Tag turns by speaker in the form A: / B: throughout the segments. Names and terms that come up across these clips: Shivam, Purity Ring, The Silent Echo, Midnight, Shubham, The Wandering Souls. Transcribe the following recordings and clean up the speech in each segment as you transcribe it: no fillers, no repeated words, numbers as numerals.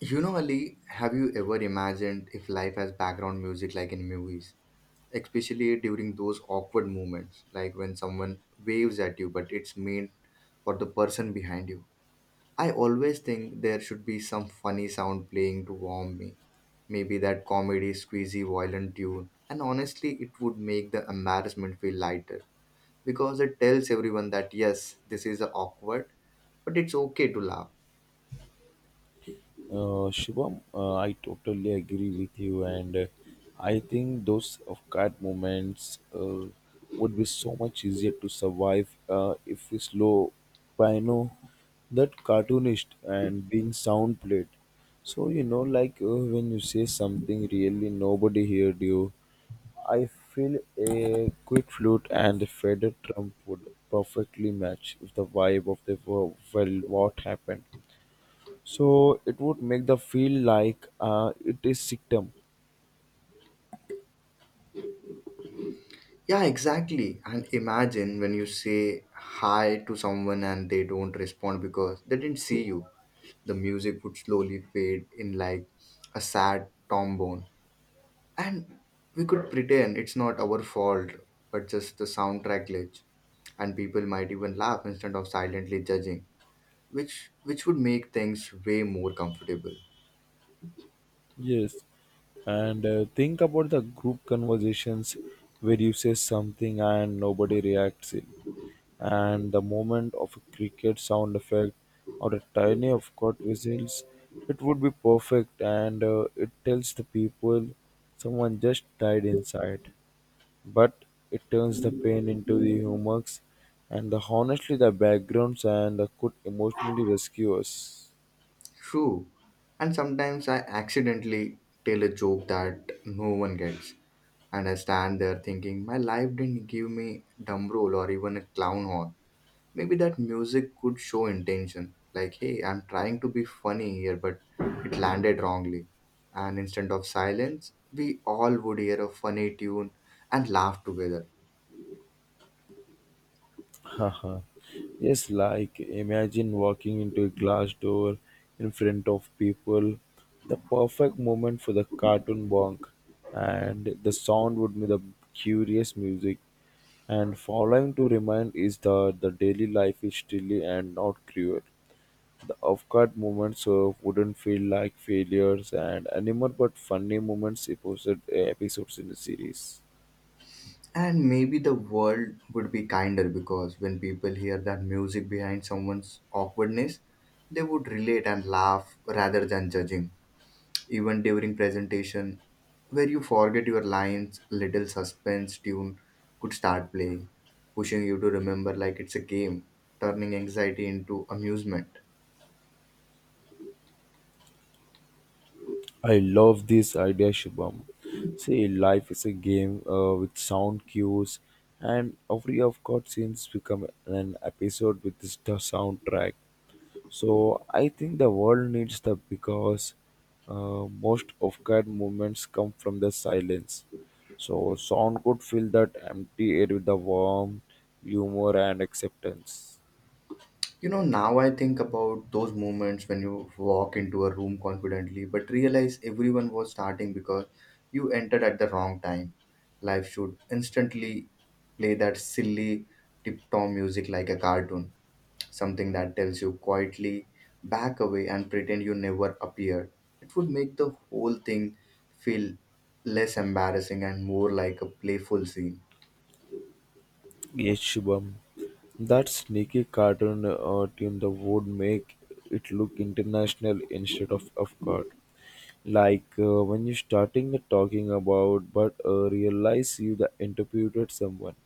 A: You know, Ali, have you ever imagined if life has background music like in movies? Especially during those awkward moments, like when someone waves at you, but it's meant for the person behind you. I always think there should be some funny sound playing to warm me. Maybe that comedy, squeezy, violent tune. And honestly, it would make the embarrassment feel lighter because it tells everyone that yes, this is awkward, but it's okay to laugh.
B: Shubham, I totally agree with you, and I think those of card moments would be so much easier to survive if we slow piano that cartoonist and being sound played. So like when you say something really nobody heard you, I feel a quick flute and a faded trump would perfectly match with the vibe of the world. Well, what happened? So it would make the feel like it is system.
A: Yeah, exactly. And imagine when you say hi to someone and they don't respond because they didn't see you. The music would slowly fade in like a sad trombone. And we could pretend it's not our fault, but just the soundtrack glitch. And people might even laugh instead of silently judging, which would make things way more comfortable.
B: Yes, and think about the group conversations where you say something and nobody reacts in and the moment of a cricket sound effect or a tiny of court whistles, it would be perfect, and it tells the people someone just died inside, but it turns the pain into the humors, and the honestly the backgrounds and the could emotionally rescue us.
A: True. And sometimes I accidentally tell a joke that no one gets. And I stand there thinking, my life didn't give me drum roll or even a clown horn. Maybe that music could show intention. Like, hey, I'm trying to be funny here, but it landed wrongly. And instead of silence, we all would hear a funny tune and laugh together.
B: Haha. Yes, like imagine walking into a glass door in front of people, the perfect moment for the cartoon bonk, and the sound would be the curious music. And following to remind is that the daily life is still and not cruel. The avant-garde moments wouldn't feel like failures and anymore, but funny moments episode, episodes in the series.
A: And maybe the world would be kinder because when people hear that music behind someone's awkwardness, they would relate and laugh rather than judging. Even during presentation, where you forget your lines, little suspense tune could start playing, pushing you to remember like it's a game, turning anxiety into amusement.
B: I love this idea, Shubham. See, life is a game with sound cues, and every avant-garde scenes become an episode with this the soundtrack. So I think the world needs that because most of guard movements come from the silence. So sound could fill that empty air with the warmth, humor, and acceptance.
A: You know, now I think about those moments when you walk into a room confidently but realize everyone was starting because you entered at the wrong time. Life should instantly play that silly tiptoe music like a cartoon, something that tells you quietly back away and pretend you never appeared. It would make the whole thing feel less embarrassing and more like a playful scene.
B: Yes, Shubham. That sneaky cartoon team that would make it look international instead of course. Like when you starting talking about, but realize you the interpreted someone.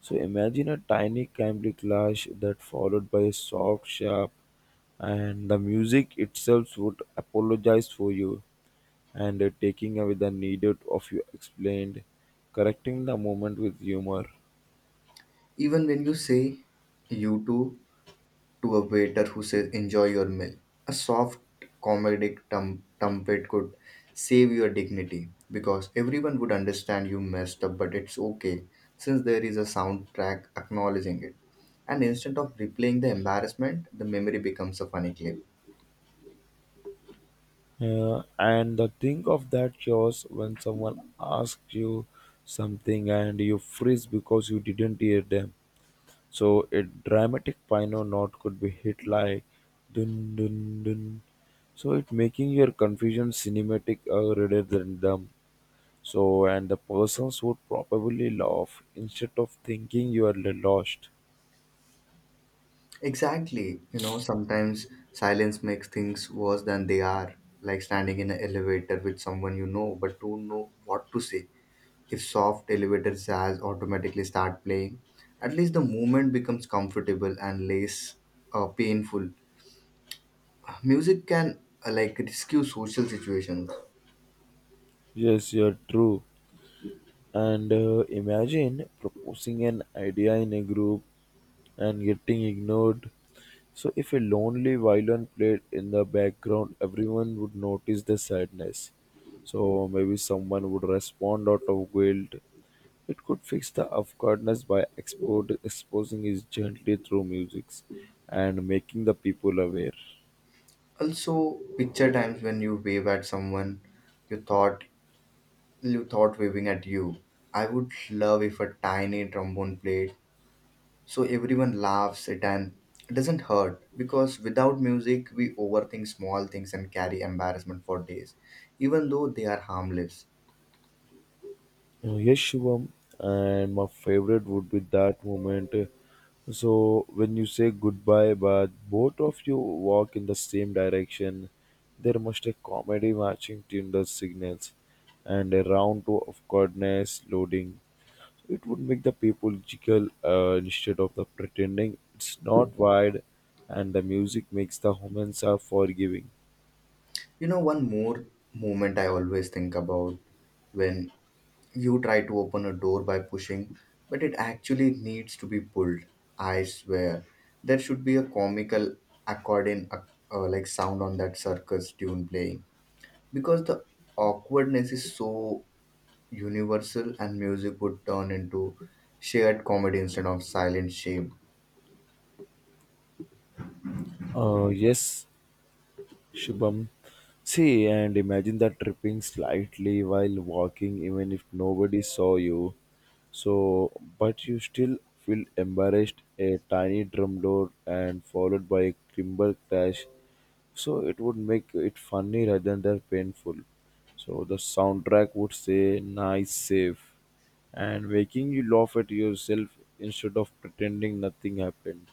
B: So imagine a tiny Cambly clash that followed by a soft sharp, and the music itself would apologize for you and taking away the need of you explained, correcting the moment with humor.
A: Even when you say you too to a waiter who says, enjoy your meal. A soft comedic trumpet could save your dignity because everyone would understand you messed up, but it's okay since there is a soundtrack acknowledging it. And instead of replaying the embarrassment, the memory becomes a funny clip.
B: And the thing of that chaos when someone asks you something and you freeze because you didn't hear them. So a dramatic piano note could be hit like dun dun dun. So it making your confusion cinematic rather than dumb. So and the persons would probably laugh instead of thinking you are lost.
A: Exactly. You know, sometimes silence makes things worse than they are, like standing in an elevator with someone you know but don't know what to say. If soft elevator jazz automatically start playing, at least the movement becomes comfortable and less painful. Music can like rescue social situations.
B: Yes, you're true. And imagine proposing an idea in a group and getting ignored. So if a lonely violin played in the background, everyone would notice the sadness. So maybe someone would respond out of guilt. It could fix the awkwardness by exposing it gently through music and making the people aware.
A: Also, picture times when you wave at someone you thought you thought waving at you. I would love if a tiny trombone played so everyone laughs it and it doesn't hurt because without music we overthink small things and carry embarrassment for days even though they are harmless.
B: Yes, Shivam, and my favorite would be that moment. So when you say goodbye, but both of you walk in the same direction, there must a comedy matching Tinder signals, and a round two of goodness loading. It would make the people jiggle instead of the pretending it's not wide, and the music makes the humans are forgiving.
A: You know, one more moment I always think about when you try to open a door by pushing, but it actually needs to be pulled. I swear, there should be a comical accordion like sound on that circus tune playing because the awkwardness is so universal and music would turn into shared comedy instead of silent shame.
B: Yes, Shubham. See, and imagine that tripping slightly while walking, even if nobody saw you. So, but you still feel embarrassed. A tiny drum door and followed by a timber crash. So it would make it funny rather than painful. So the soundtrack would say "nice save," and making you laugh at yourself instead of pretending nothing happened.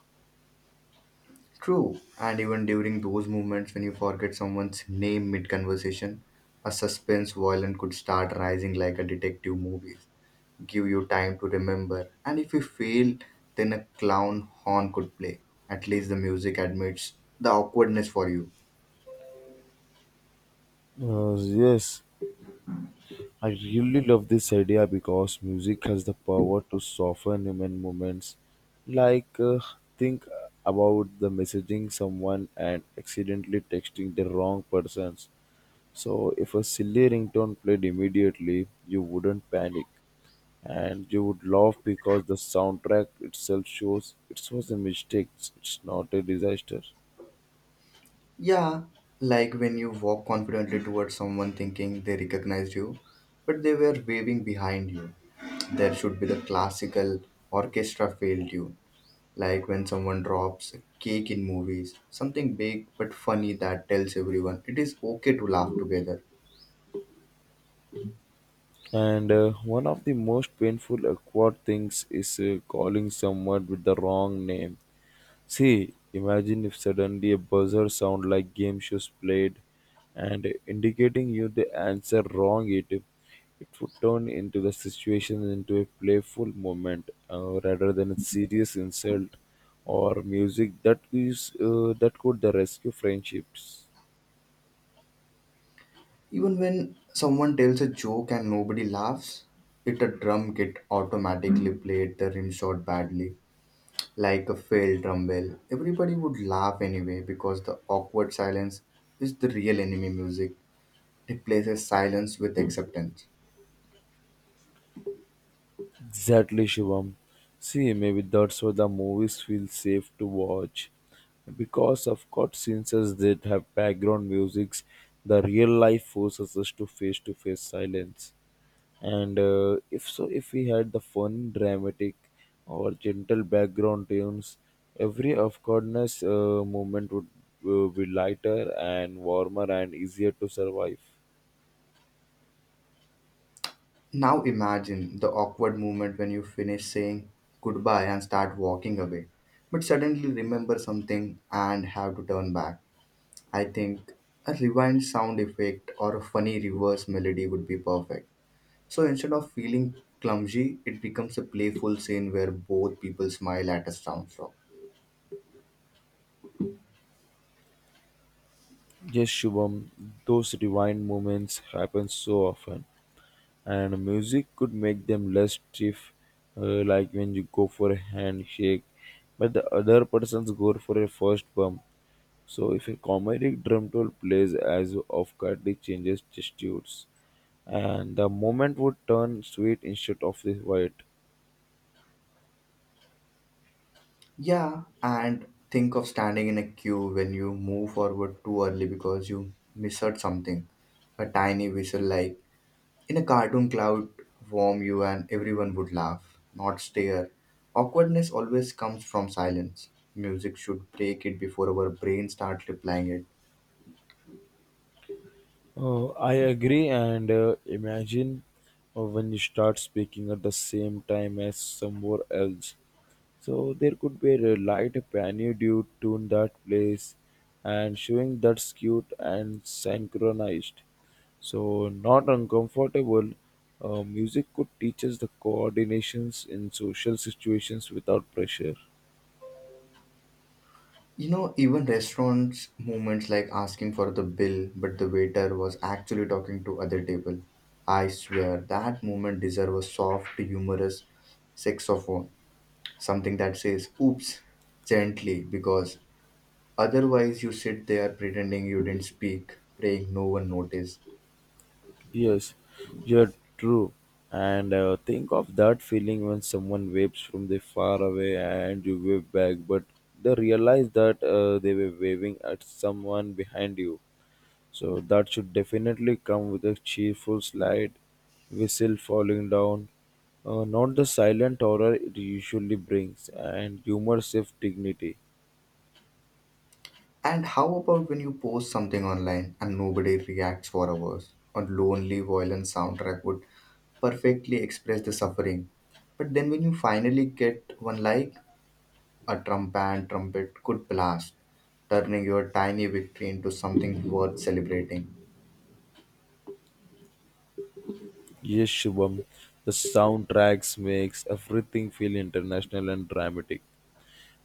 A: True, and even during those moments when you forget someone's name mid conversation, a suspense violin could start rising like a detective movie, give you time to remember, and if you fail, then a clown horn could play. At least the music admits the awkwardness for you.
B: Uh, yes, I really love this idea because music has the power to soften human moments. Like, think about the messaging someone and accidentally texting the wrong persons. So, if a silly ringtone played immediately, you wouldn't panic and you would laugh because the soundtrack itself shows it was a mistake, it's not a disaster.
A: Yeah, like when you walk confidently towards someone thinking they recognized you, but they were waving behind you. There should be the classical orchestra failed tune. Like when someone drops a cake in movies, something big but funny that tells everyone it is okay to laugh together.
B: And one of the most painful, awkward things is calling someone with the wrong name. See, imagine if suddenly a buzzer sound like game shows played and indicating you the answer wrong, it would turn into the situation into a playful moment rather than a serious insult, or music that is that could the rescue friendships.
A: Even when someone tells a joke and nobody laughs, it a drum kit automatically played the rim shot badly, like a failed drum well. Everybody would laugh anyway because the awkward silence is the real enemy music. It replaces silence with acceptance.
B: Exactly, Shivam. See, maybe that's why the movies feel safe to watch. Because of cutscenes as that have background musics, the real life forces us to face silence. And if so, if we had the fun, dramatic, or gentle background tunes, every awkwardness moment would be lighter and warmer and easier to survive.
A: Now imagine the awkward moment when you finish saying goodbye and start walking away, but suddenly remember something and have to turn back. I think a rewind sound effect or a funny reverse melody would be perfect. So instead of feeling clumsy, it becomes a playful scene where both people smile at a sound drop.
B: Yes, Shubham, those divine moments happen so often, and music could make them less stiff, like when you go for a handshake but the other person's go for a first bump. So if a comedic drum roll plays as off guard, it changes gestures, and the moment would turn sweet instead of the white.
A: Yeah, and think of standing in a queue when you move forward too early because you misheard something. A tiny whistle like in a cartoon, cloud warm you and everyone would laugh, not stare. Awkwardness always comes from silence. Music should break it before our brain start replying it.
B: Oh, I agree, and imagine when you start speaking at the same time as somewhere else. So there could be a light piano dude tune that plays and showing that's cute and synchronized. So not uncomfortable. Music could teach us the coordinations in social situations without pressure.
A: You know, even restaurants moments like asking for the bill, but the waiter was actually talking to other table. I swear that moment deserves a soft, humorous saxophone, something that says "oops" gently, because otherwise you sit there pretending you didn't speak, praying no one noticed.
B: Yes, you're true. And think of that feeling when someone waves from the far away and you wave back, but they realize that they were waving at someone behind you. So that should definitely come with a cheerful slide, whistle falling down, not the silent horror it usually brings, and humor safe dignity.
A: And how about when you post something online and nobody reacts for hours? A lonely violin soundtrack would perfectly express the suffering. But then when you finally get one like, a trumpet could blast, turning your tiny victory into something worth celebrating.
B: Yes, Shubham, the soundtracks makes everything feel international and dramatic.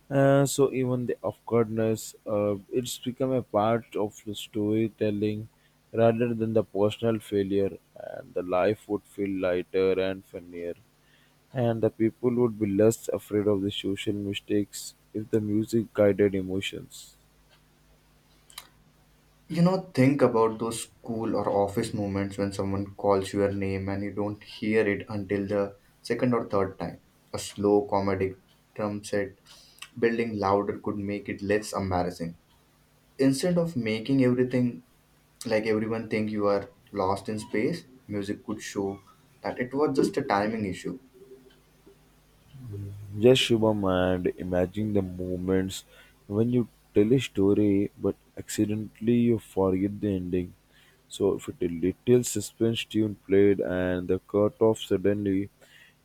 B: So even the awkwardness, it's become a part of the storytelling rather than the personal failure, and the life would feel lighter and funnier, and the people would be less afraid of the social mistakes if the music guided emotions.
A: You know, think about those school or office moments when someone calls your name and you don't hear it until the second or third time. A slow comedic drum set building louder could make it less embarrassing. Instead of making everything like everyone think you are lost in space, music could show that it was just a timing issue.
B: Yes, Shubham, and imagine the moments when you tell a story but accidentally you forget the ending. So, if it a little suspense tune played and the cut off suddenly,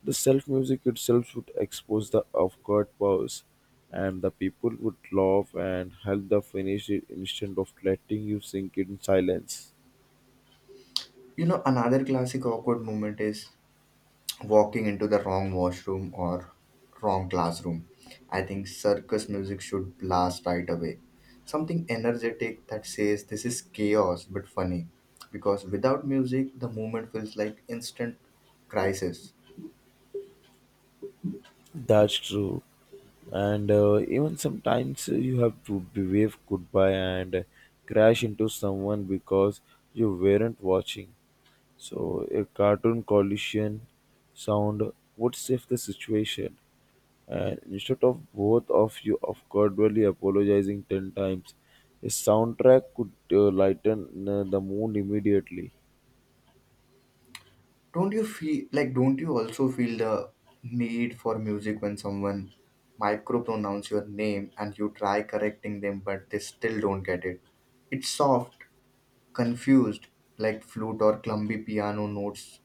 B: the self music itself would expose the off guard pause, and the people would laugh and help the finish it instead of letting you sink in silence.
A: You know, another classic awkward moment is walking into the wrong washroom or wrong classroom. I think circus music should blast right away. Something energetic that says this is chaos but funny. Because without music, the movement feels like instant crisis.
B: That's true. And even sometimes you have to be wave goodbye and crash into someone because you weren't watching. So a cartoon collision sound would save the situation, and instead of both of you awkwardly apologizing ten times, a soundtrack could lighten the mood immediately.
A: Don't you feel like, don't you also feel the need for music when someone micropronounce your name and you try correcting them but they still don't get it? It's soft, confused, like flute or clumsy piano notes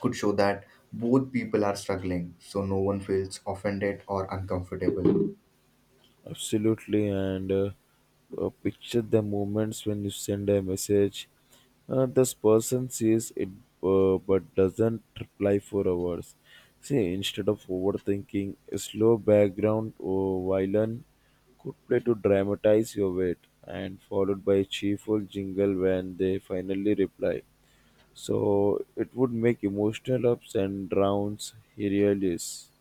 A: could show that both people are struggling so no one feels offended or uncomfortable.
B: Absolutely, and picture the moments when you send a message. This person sees it but doesn't reply for hours. See, instead of overthinking, a slow background or violin could play to dramatize your wait, and followed by a cheerful jingle when they finally reply. So it would make emotional ups and downs hilarious.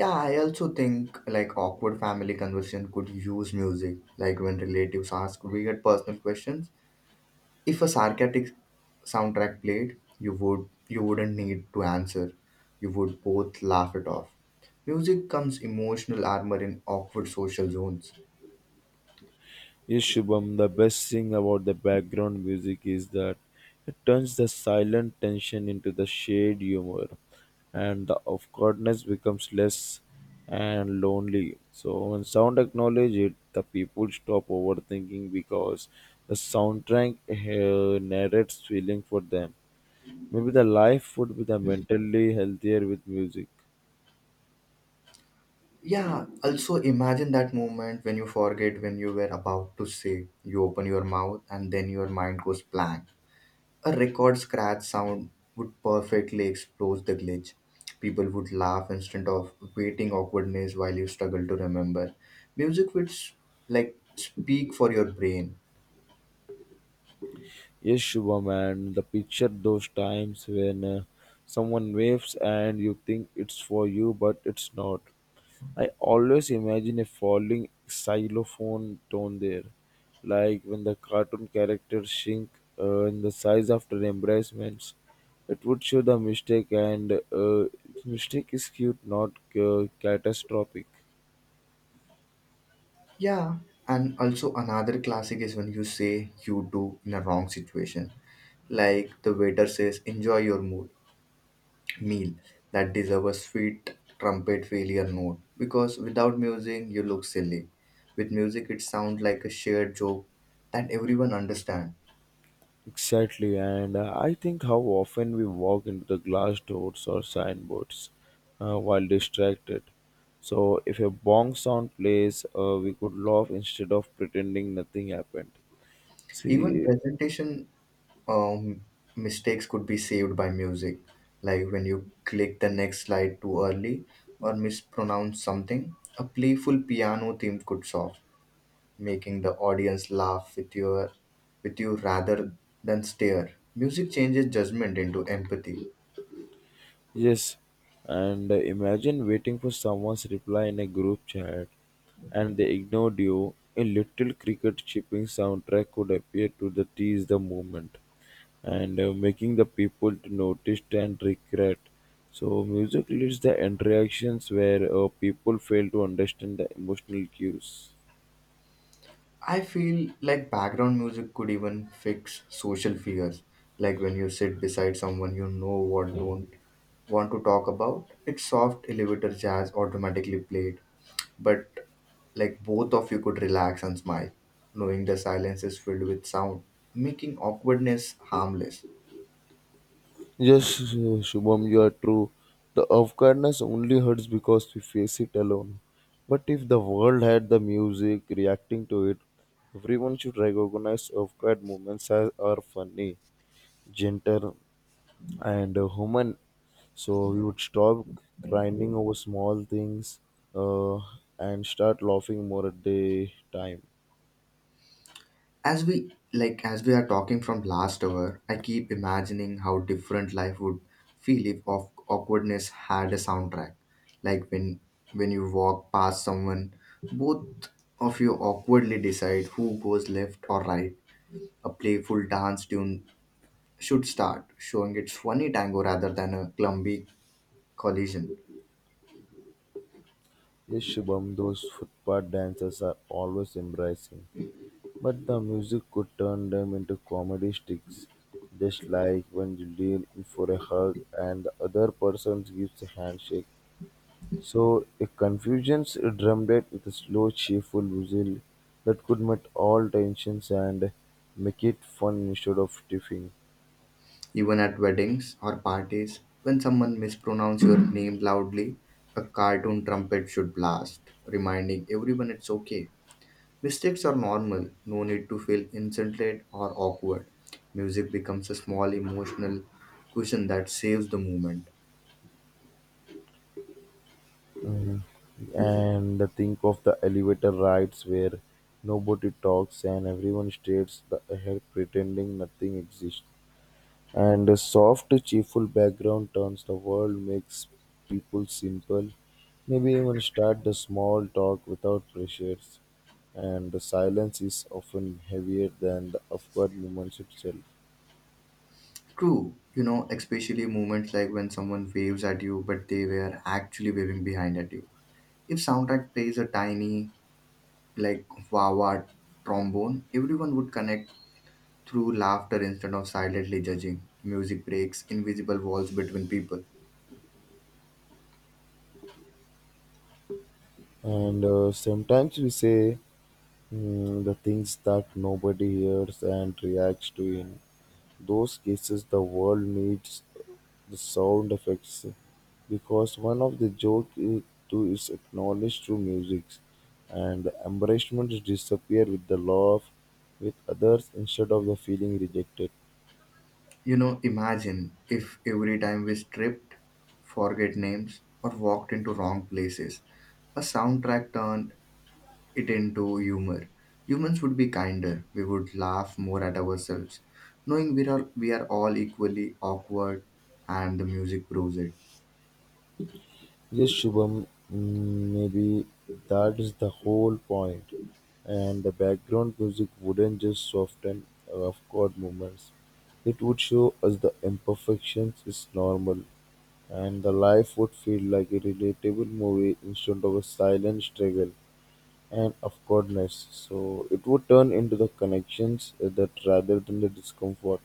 A: Yeah, I also think like awkward family conversation could use music like when relatives ask weird personal questions. If a sarcastic soundtrack played, you wouldn't need to answer. You would both laugh it off. Music comes emotional armor in awkward social zones.
B: Yes, Shubham, the best thing about the background music is that it turns the silent tension into the shade humor, and the awkwardness becomes less and lonely. So when sound acknowledge it, the people stop overthinking because the soundtrack narrates feeling for them. Maybe the life would be the mentally healthier with music.
A: Yeah, also imagine that moment when you forget when you were about to say. You open your mouth and then your mind goes blank. A record scratch sound would perfectly expose the glitch. People would laugh instead of waiting awkwardness while you struggle to remember. Music would like speak for your brain.
B: Yes, Shubham, and the picture those times when someone waves and you think it's for you, but it's not. I always imagine a falling xylophone tone there, like when the cartoon characters shrink in the size after embracements. It would show the mistake, and mistake is cute, not catastrophic.
A: Yeah, and also another classic is when you say you do in a wrong situation. Like the waiter says, enjoy your mood meal. That deserve a sweet trumpet failure note because without music you look silly. With music it sounds like a shared joke that everyone understands.
B: Exactly, and I think how often we walk into the glass doors or signboards while distracted. So, if a bong sound plays, we could laugh instead of pretending nothing happened.
A: Even
B: See,
A: presentation um, mistakes could be saved by music like when you click the next slide too early or mispronounce something. A playful piano theme could solve, making the audience laugh with you rather than stare. Music changes judgment into empathy.
B: yes, and imagine waiting for someone's reply in a group chat and they ignored you. A little cricket chipping soundtrack could appear to the tease the moment, and making the people to notice and regret. So music leads the interactions where people fail to understand the emotional cues.
A: I feel like background music could even fix social fears. Like when you sit beside someone you know what don't want to talk about, it's soft elevator jazz automatically played. But like both of you could relax and smile, knowing the silence is filled with sound, making awkwardness harmless.
B: Yes, Shubham, you are true. The awkwardness only hurts because we face it alone. But if the world had the music reacting to it, everyone should recognize awkward moments as are funny, gentle, and human. So we would stop grinding over small things uh, and start laughing more at the time.
A: As we are talking from last hour, I keep imagining how different life would feel if awkwardness had a soundtrack. Like when you walk past someone, both of you awkwardly decide who goes left or right. A playful dance tune should start showing its funny tango rather than a clumsy collision.
B: Yes, Shubham, those footpath dances are always embarrassing, but the music could turn them into comedy sticks. Just like when you lean in for a hug and the other person gives a handshake. So a confusion's drummed it with a slow, cheerful whistle that could melt all tensions and make it fun instead of tiffing.
A: Even at weddings or parties, when someone mispronounces your name loudly, a cartoon trumpet should blast, reminding everyone it's okay. Mistakes are normal, no need to feel insulted or awkward. Music becomes a small emotional cushion that saves the moment.
B: Mhm. And think of the elevator rides where nobody talks and everyone stares the ahead pretending nothing exists. And a soft, cheerful background turns the world, makes people simple. Maybe even start the small talk without pressures. And the silence is often heavier than the awkward moments itself.
A: True, you know, especially moments like when someone waves at you but they were actually waving behind at you. If soundtrack plays a tiny, like wah wah trombone, everyone would connect through laughter instead of silently judging. Music breaks invisible walls between people.
B: And sometimes we say the things that nobody hears and reacts to in those cases the world needs the sound effects because one of the joke is to is acknowledged through music and the embarrassment disappear with the love with others instead of the feeling rejected.
A: You know, imagine if every time we stripped, forget names, or walked into wrong places, a soundtrack turned it into humor. Humans would be kinder. We would laugh more at ourselves, knowing we are all equally awkward, and the music proves it.
B: Yes, Shubham, maybe that is the whole point. And the background music wouldn't just soften rough chord movements. It would show us the imperfections is normal and the life would feel like a relatable movie instead of a silent struggle and awkwardness. So it would turn into the connections that rather than the discomfort.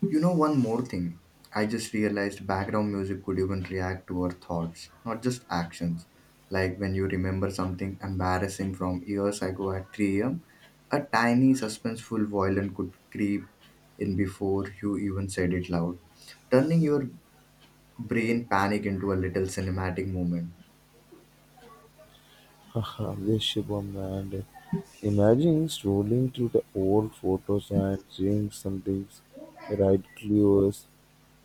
A: You know, one more thing. I just realized background music could even react to our thoughts, not just actions. Like when you remember something embarrassing from years ago at 3 a.m., a tiny suspenseful violin could creep in before you even said it loud, turning your brain panic into a little cinematic moment.
B: Haha, yes, Shubham, and imagine strolling through the old photos and seeing something right clues.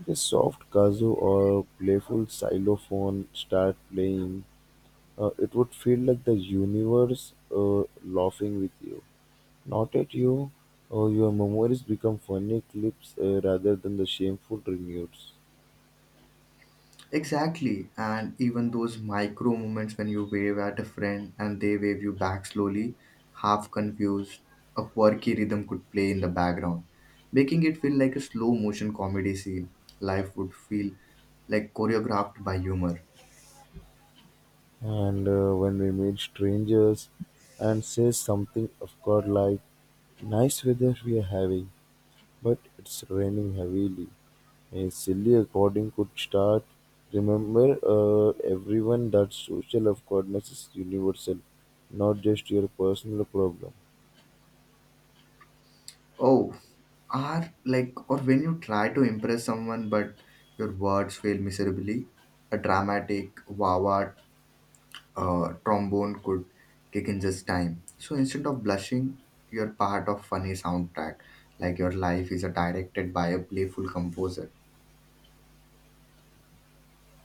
B: The soft kazoo or playful xylophone start playing. It would feel like the universe laughing with you. Not at you. Oh, your memories become funny clips rather than the shameful reunions.
A: Exactly. And even those micro moments when you wave at a friend and they wave you back slowly, half confused, a quirky rhythm could play in the background, making it feel like a slow motion comedy scene. Life would feel like choreographed by humor.
B: And when we meet strangers and say something of God like, nice weather we are having, but it's raining heavily. A silly recording could start. Remember, everyone, that social awkwardness is universal, not just your personal problem.
A: Oh, are like, or when you try to impress someone but your words fail miserably, a dramatic wawa trombone could kick in just time. So instead of blushing, you're part of funny soundtrack, like your life is directed by a playful composer.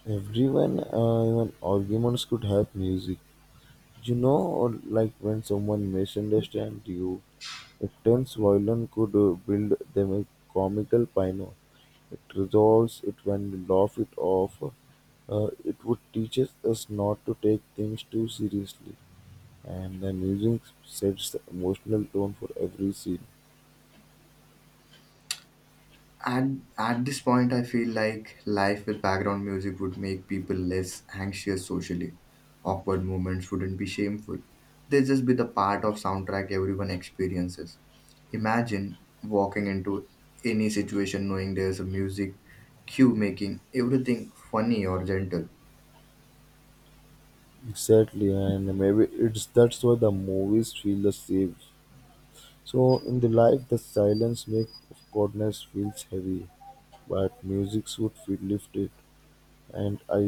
B: Everyone, even arguments could have music. You know, or like when someone misunderstands you, a tense violin could build them a comical piano. It resolves it when we laugh it off. It would teaches us not to take things too seriously. And the music sets the emotional tone for every scene.
A: And at this point, I feel like life with background music would make people less anxious socially. Awkward moments wouldn't be shameful. They'd just be the part of soundtrack everyone experiences. Imagine walking into any situation knowing there's a music cue making everything funny or gentle.
B: Exactly, and maybe it's that's why the movies feel the same. So in the life, the silence make of coldness feels heavy, but music would feel lifted. And I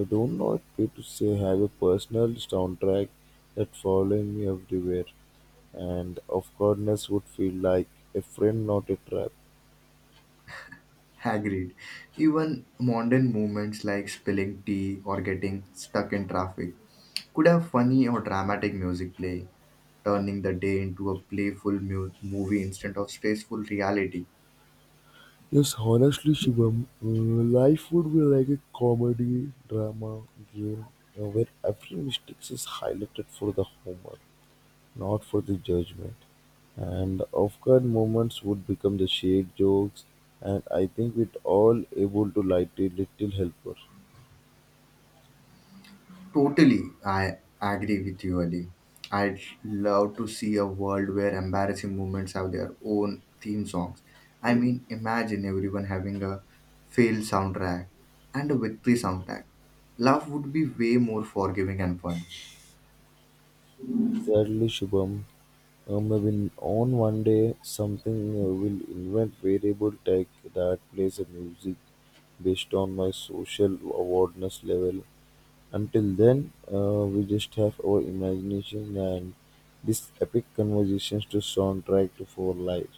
B: I don't know if it to say have a personal soundtrack that following me everywhere and of goodness would feel like a friend not a trap.
A: Agreed. Even mundane moments like spilling tea or getting stuck in traffic could have funny or dramatic music playing, turning the day into a playful movie instead of stressful reality.
B: Yes, honestly, Shivam, life would be like a comedy drama game where every mistake is highlighted for the humor, not for the judgment. And off-guard moments would become the shade jokes, and I think we'd all able to light a little helper.
A: Totally, I agree with you, Ali. I'd love to see a world where embarrassing moments have their own theme songs. I mean, imagine everyone having a fail soundtrack and a victory soundtrack. Love would be way more forgiving and fun.
B: Exactly, Shubham. When on one day something will invent variable tech that plays a music based on my social awareness level. Until then, we just have our imagination and these epic conversations to soundtrack to for lives.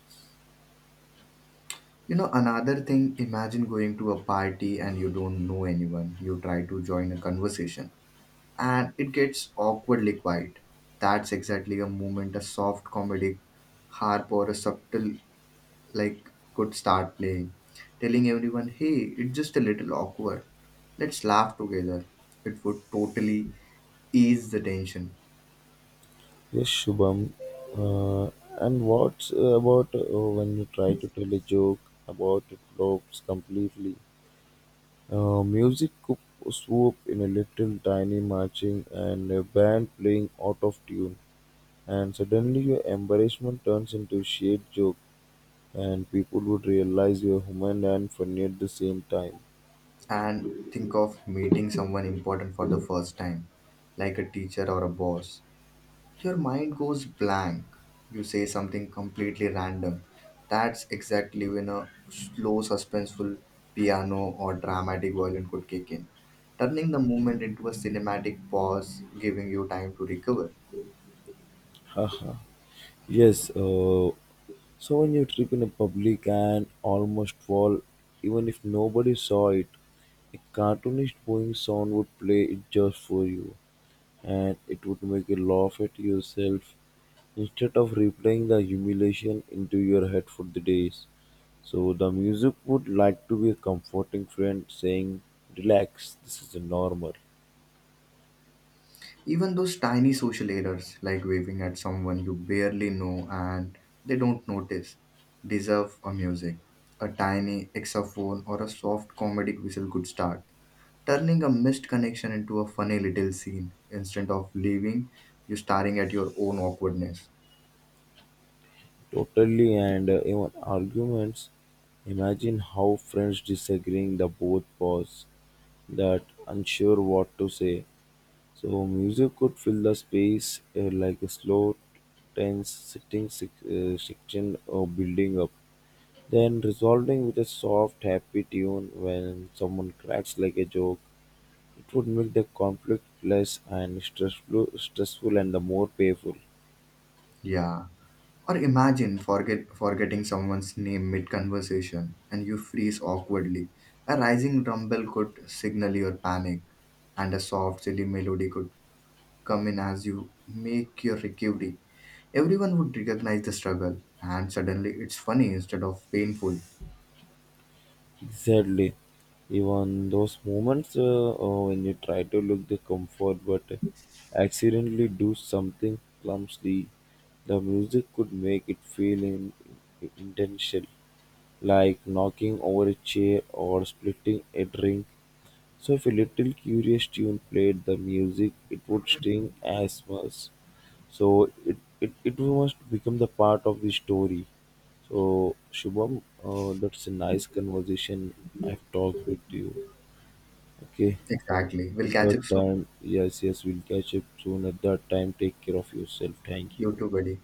A: You know, another thing, imagine going to a party and you don't know anyone. You try to join a conversation and it gets awkwardly quiet. That's exactly a moment a soft comedic harp or a subtle like could start playing, telling everyone, hey, it's just a little awkward. Let's laugh together. It would totally ease the tension.
B: Yes, Shubham. Uh, and what about when you try to tell a joke about it flops completely? Uh, music coup- Swoop in a little tiny marching and a band playing out of tune, and suddenly your embarrassment turns into shade joke, and people would realize you're human and funny at the same time.
A: And think of meeting someone important for the first time, like a teacher or a boss. Your mind goes blank. You say something completely random. That's exactly when a slow, suspenseful piano or dramatic violin could kick in, turning the moment into a cinematic pause, giving you time to recover.
B: Yes, so when you trip in a public and almost fall, even if nobody saw it, a cartoonish boing sound would play it just for you, and it would make you laugh at yourself instead of replaying the humiliation into your head for the days, so the music would like to be a comforting friend saying, relax, this is normal.
A: Even those tiny social errors, like waving at someone you barely know and they don't notice, deserve a music. A tiny exaphone or a soft comedic whistle could start turning a missed connection into a funny little scene instead of leaving you staring at your own awkwardness.
B: Totally, and even arguments. Imagine how friends disagreeing, the both pause, that unsure what to say. So, music could fill the space like a slow, tense, section or building up. Then resolving with a soft, happy tune when someone cracks like a joke, it would make the conflict less and stressful, stressful and the more painful.
A: Yeah. Or imagine forgetting someone's name mid conversation and you freeze awkwardly. A rising rumble could signal your panic, and a soft, silly melody could come in as you make your recovery. Everyone would recognize the struggle, and suddenly it's funny instead of painful.
B: Exactly. Even those moments when you try to look the comfort but accidentally do something clumsy, the music could make it feel intentional, like knocking over a chair or splitting a drink. So if a little curious tune played the music, it would sting as much. So it must become the part of the story. So Shubham, that's a nice conversation I've talked with you. Okay.
A: Exactly. We'll
B: At
A: catch
B: that
A: up soon.
B: time, yes, we'll catch up soon. At that time, take care of yourself. Thank
A: You
B: you.
A: too, buddy.